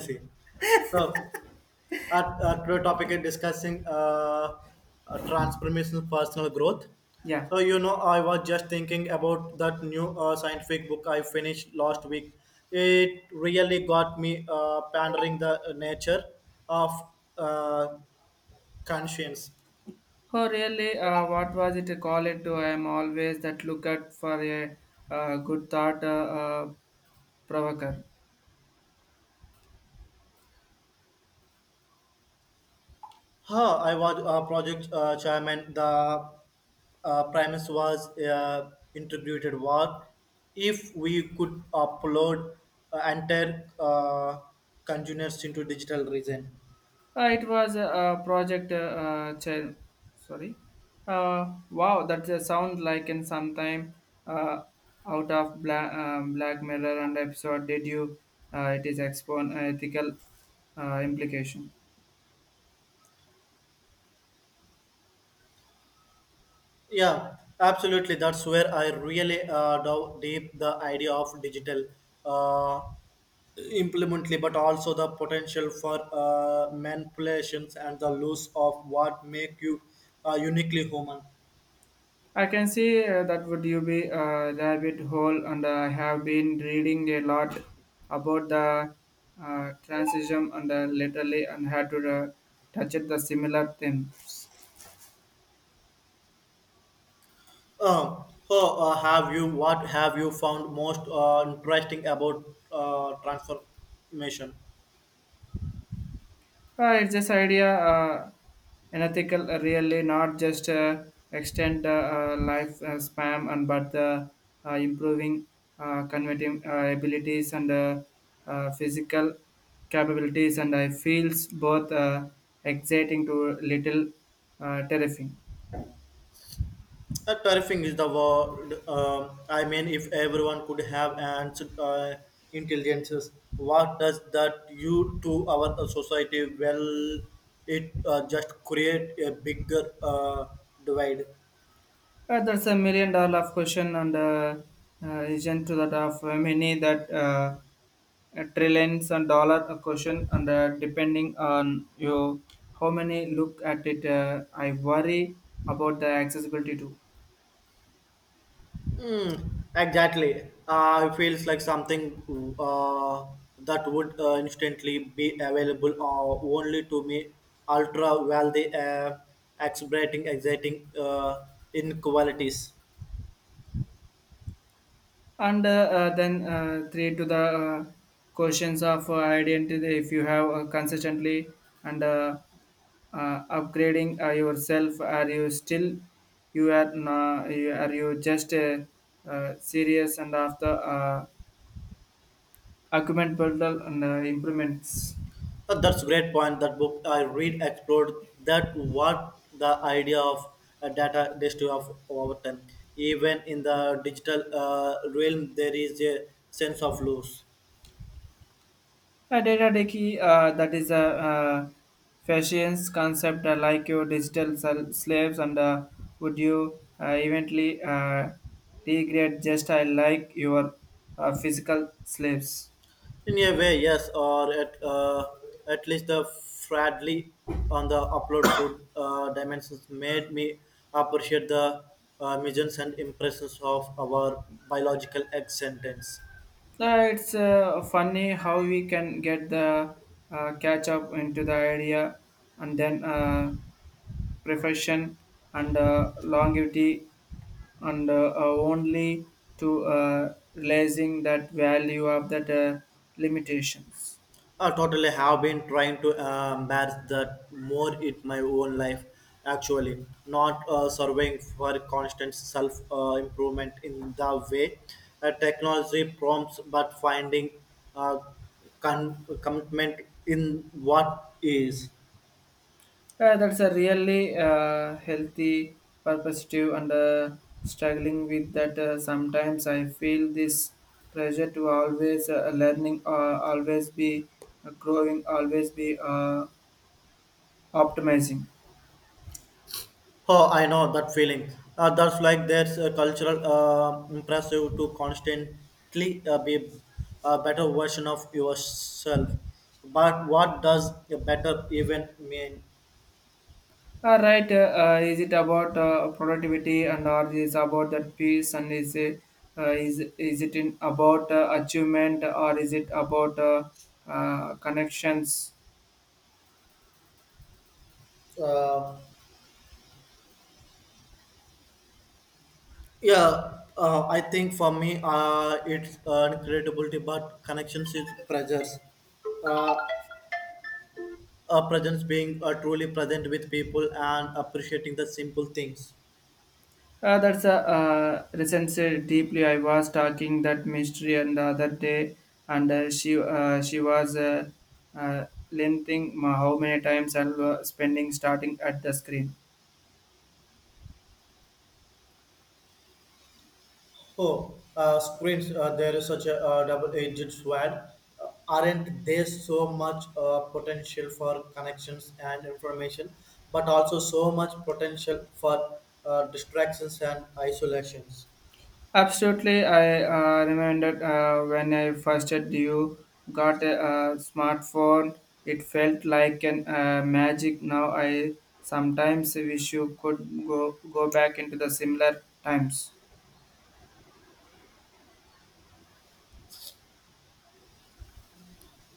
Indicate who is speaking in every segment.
Speaker 1: See, so our today topic is discussing transformational personal growth.
Speaker 2: Yeah.
Speaker 1: So, I was just thinking about that new scientific book I finished last week. It really got me pondering the nature of uh, conscience.
Speaker 2: Oh, really? What was it called? To I'm always that look at for a good thought provoker.
Speaker 1: Huh, I was project chairman. The premise was integrated work. If we could upload entire containers into digital region.
Speaker 2: It was a, project. Child. Sorry. Wow, that sound like in some time uh, out of Black, Black Mirror and episode. Did you? It is expon ethical implication.
Speaker 1: Yeah, absolutely. That's where I really dove deep the idea of digital uh, implemently, but also the potential for manipulations and the loss of what make you uniquely human.
Speaker 2: I can see that would you be a rabbit hole, and I have been reading a lot about the transition and literally and had to touch it the similar themes.
Speaker 1: So, have you What have you found most interesting about transformation?
Speaker 2: It's this idea, an ethical, really not just extend life spam and but improving converting abilities and physical capabilities, and I feels both exciting to little terrifying.
Speaker 1: Terrifying is the word. I mean, if everyone could have ants intelligences, what does that do to our society? Well, it just create a bigger divide.
Speaker 2: That's a million dollar question and is to that of many that trillions and dollar a question and depending on you how many look at it I worry about the accessibility too.
Speaker 1: Mm, exactly. It feels like something uh, that would instantly be available only to me. Ultra wealthy, exhilarating, exciting inequalities.
Speaker 2: And then three to the questions of identity if you have consistently and upgrading yourself are you still you are na you, are you just serious and after argument builder and improvements.
Speaker 1: That's a great point. That book I read explored that what the idea of data density of over time. Even in the digital realm, there is a sense of loss.
Speaker 2: Data Deki, that is a uh, fashion concept like your digital slaves and would you eventually degrade just I like your physical slaves?
Speaker 1: In a way, yes, or at least the Fradley on the upload code dimensions made me appreciate the missions and impressions of our biological egg sentence.
Speaker 2: It's funny how we can get the catch up into the idea and then profession and longevity and only to realizing that value of that limitations.
Speaker 1: Totally have been trying to embrace that more in my own life actually not surveying for constant self improvement in the way technology prompts but finding uh, commitment in what is.
Speaker 2: Yeah, that's a really healthy perspective and struggling with that. Sometimes I feel this pressure to always learning, always be growing, always be optimizing.
Speaker 1: Oh, I know that feeling. That's like there's a cultural impressive to constantly be a better version of yourself. But what does a better even mean?
Speaker 2: All right, is it about productivity and or is about that peace and is it, is it in about achievement or is it about connections?
Speaker 1: Uh, yeah, I think for me, it's credibility, but connections is pressures. Uh, a presence being truly present with people and appreciating the simple things.
Speaker 2: That's a recension deeply. I was talking that mystery and the other day, and she was uh, lengthening how many times I was spending starting at the screen.
Speaker 1: Oh, screens, they're such a double-edged sword. Aren't there so much potential for connections and information, but also so much potential for distractions and isolations?
Speaker 2: Absolutely, I remembered when I first had you got a, smartphone. It felt like an magic. Now I sometimes wish you could go back into the similar times.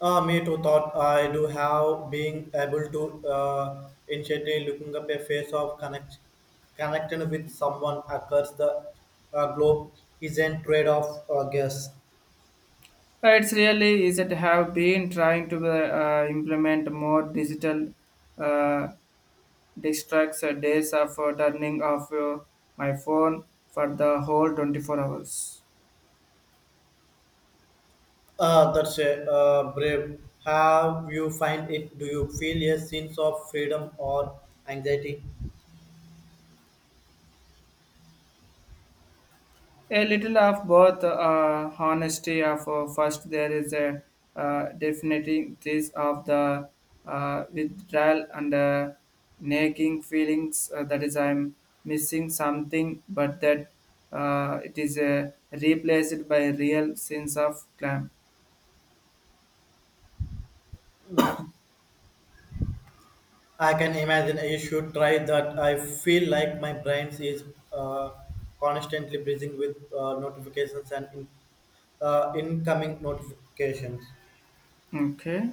Speaker 1: Me too thought I do have being able to initially looking up a face of connecting with someone across the globe is a trade-off, I guess.
Speaker 2: It's really is it have been trying to implement more digital uh, distracts days of turning off my phone for the whole 24 hours.
Speaker 1: That's a brave. Have you find it? Do you feel a sense of freedom or anxiety?
Speaker 2: A little of both, honesty of first there is a definitely this of the withdrawal and nagging feelings that is I'm missing something, but that it is replaced by a real sense of clam.
Speaker 1: I can imagine you should try that. I feel like my brain is uh, constantly busy with notifications and incoming notifications.
Speaker 2: Okay.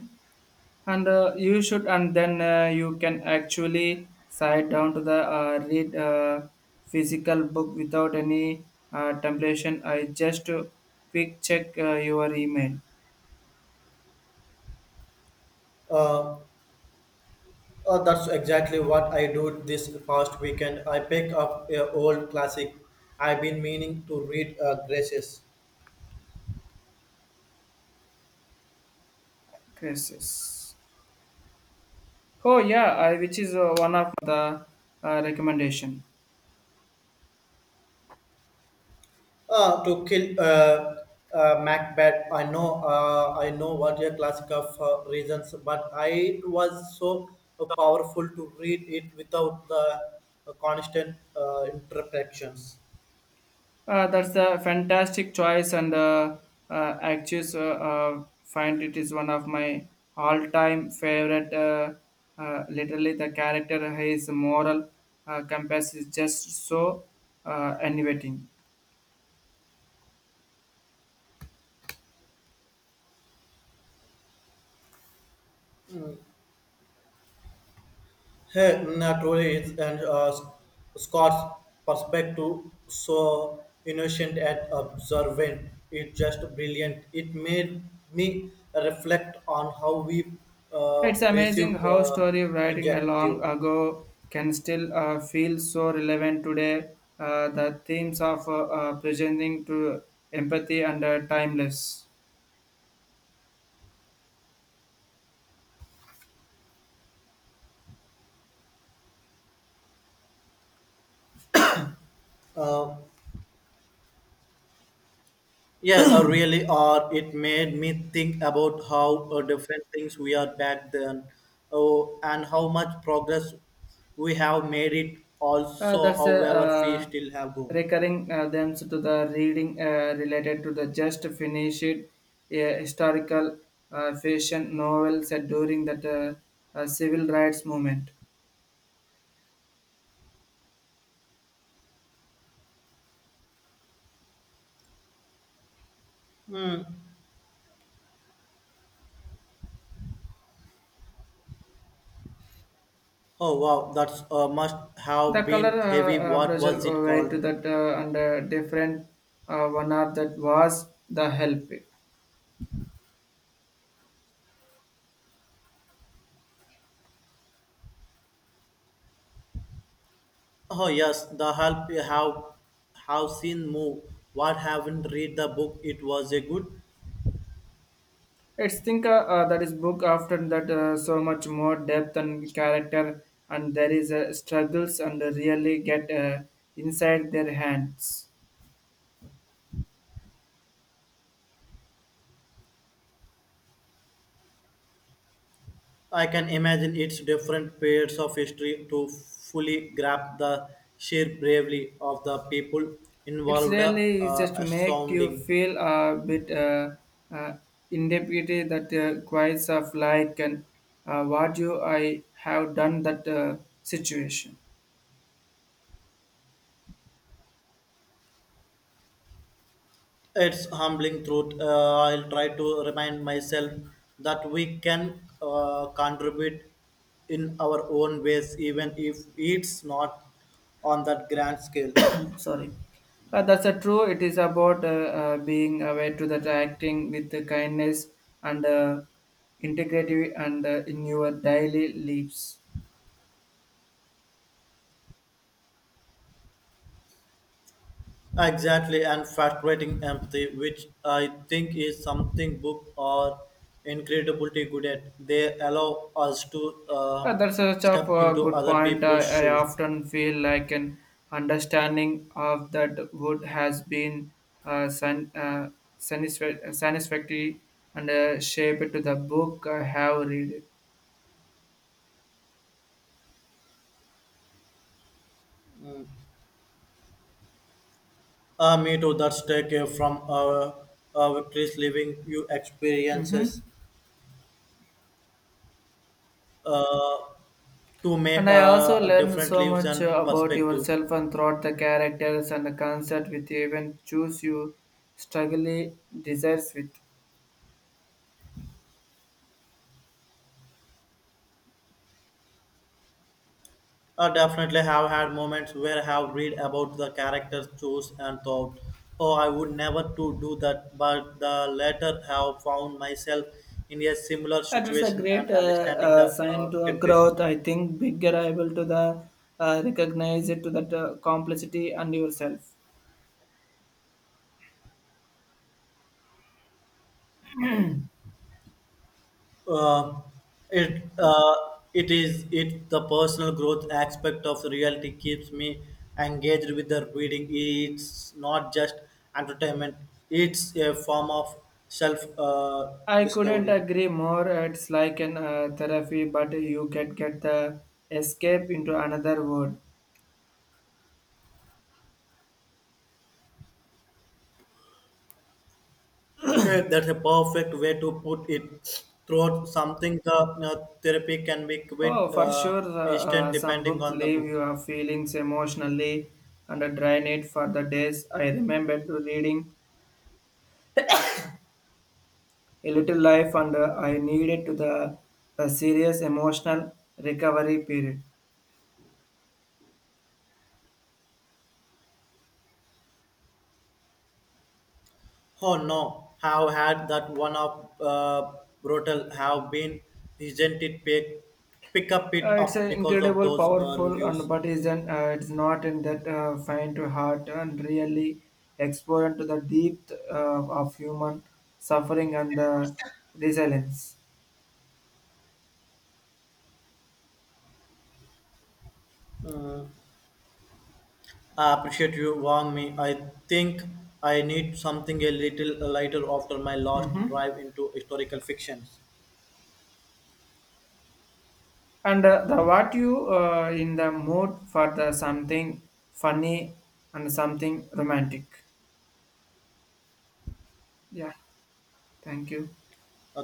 Speaker 2: And you should and then you can actually sit down to the read physical book without any temptation I just quick check your email
Speaker 1: Uh, that's exactly what I do this past weekend. I pick up a old classic I've been meaning to read, Graces.
Speaker 2: crisis. Oh yeah, I, which is one of the recommendation.
Speaker 1: To kill Macbeth, I know what a classic of reasons, but I it was so powerful to read it without the constant interpretations.
Speaker 2: That's a fantastic choice, and actually, find it is one of my all-time favorite. Literally, the character his moral compass is just so innovating.
Speaker 1: Hey, mm, truly, it's and Scott's perspective so innocent and observant. It's just brilliant. It made me reflect on how we
Speaker 2: It's amazing
Speaker 1: perceive
Speaker 2: how story writing a long
Speaker 1: injective.
Speaker 2: ago can still feel so relevant today. The themes of presenting to empathy and timeless.
Speaker 1: Uh, Yeah, really are. It made me think about how different things we are back then, oh, and how much progress we have made it. Also,
Speaker 2: That's a
Speaker 1: however, we still have go.
Speaker 2: recurring themes to the reading related to the just finished historical fiction novel set during that civil rights movement.
Speaker 1: Oh wow, that's must have
Speaker 2: The
Speaker 1: been
Speaker 2: color
Speaker 1: heavy. What was
Speaker 2: Brazil
Speaker 1: it
Speaker 2: away
Speaker 1: called?
Speaker 2: to that under different one of that was the help.
Speaker 1: Oh yes, the help you have seen move. What haven't read the book? It was a good.
Speaker 2: It's think that is book after that so much more depth and character and there is struggles and really get inside their hands.
Speaker 1: I can imagine its different periods of history to fully grasp the sheer bravery of the people
Speaker 2: It's
Speaker 1: involved.
Speaker 2: really just make you
Speaker 1: Astounding.
Speaker 2: feel a bit uh, indebted that quite of like and what you I have done that situation.
Speaker 1: It's humbling truth. I'll try to remind myself that we can contribute in our own ways, even if it's not on that grand scale.
Speaker 2: Sorry. That's a true. It is about being aware to that acting with the kindness and integrity and in your daily lives.
Speaker 1: Exactly, and frustrating empathy, which I think is something book are incredibly good at. They allow us to
Speaker 2: Yeah, that's such a
Speaker 1: step into
Speaker 2: good
Speaker 1: other
Speaker 2: point.
Speaker 1: people's
Speaker 2: I
Speaker 1: shoes.
Speaker 2: often feel like an understanding of that wood has been uh, san, uh, satisfactory and shaped to the book I have read it.
Speaker 1: Me too, that's take from victories, living you
Speaker 2: Mhm.
Speaker 1: experiences uh, to make
Speaker 2: And I also learned
Speaker 1: different
Speaker 2: so
Speaker 1: lives
Speaker 2: much
Speaker 1: and
Speaker 2: about
Speaker 1: perspective.
Speaker 2: yourself and throughout the characters and the concept with you even choose you struggle desires with.
Speaker 1: I definitely have had moments where I have read about the characters chose and thought, oh, I would never to do that. But the latter have found myself in a similar
Speaker 2: That is a
Speaker 1: situation and
Speaker 2: great
Speaker 1: understanding the
Speaker 2: sign to a
Speaker 1: temptation.
Speaker 2: growth. I think bigger able to the recognize it to that complexity and yourself.
Speaker 1: Uh, it it is it the personal growth aspect of the reality keeps me engaged with the reading. It's not just entertainment; it's a form of self
Speaker 2: I couldn't
Speaker 1: discovery.
Speaker 2: agree more. It's like an therapy, but you can get the escape into another world.
Speaker 1: Yeah, that's a perfect way to put it. Throughout something, the therapy can be quite
Speaker 2: Oh, for sure,
Speaker 1: instant
Speaker 2: some
Speaker 1: depending
Speaker 2: books
Speaker 1: on the
Speaker 2: leave
Speaker 1: book.
Speaker 2: your feelings emotionally and drain it for the days. I remember to reading A Little Life, and I needed to the a serious emotional recovery period.
Speaker 1: Oh no, have had that one of brutal have been isn't it pick, pick up it
Speaker 2: It's
Speaker 1: up
Speaker 2: an
Speaker 1: because of
Speaker 2: incredible,
Speaker 1: those
Speaker 2: powerful, and
Speaker 1: reviews.
Speaker 2: but isn't it's not in that fine to heart and really explore into the depth of human suffering and the resilience.
Speaker 1: Mm, I appreciate you warning me. I think I need something a little lighter after my last
Speaker 2: Hmm.
Speaker 1: drive into historical fictions.
Speaker 2: And the what you in the mood for the something funny and something romantic. Yeah, thank you.
Speaker 1: Uh,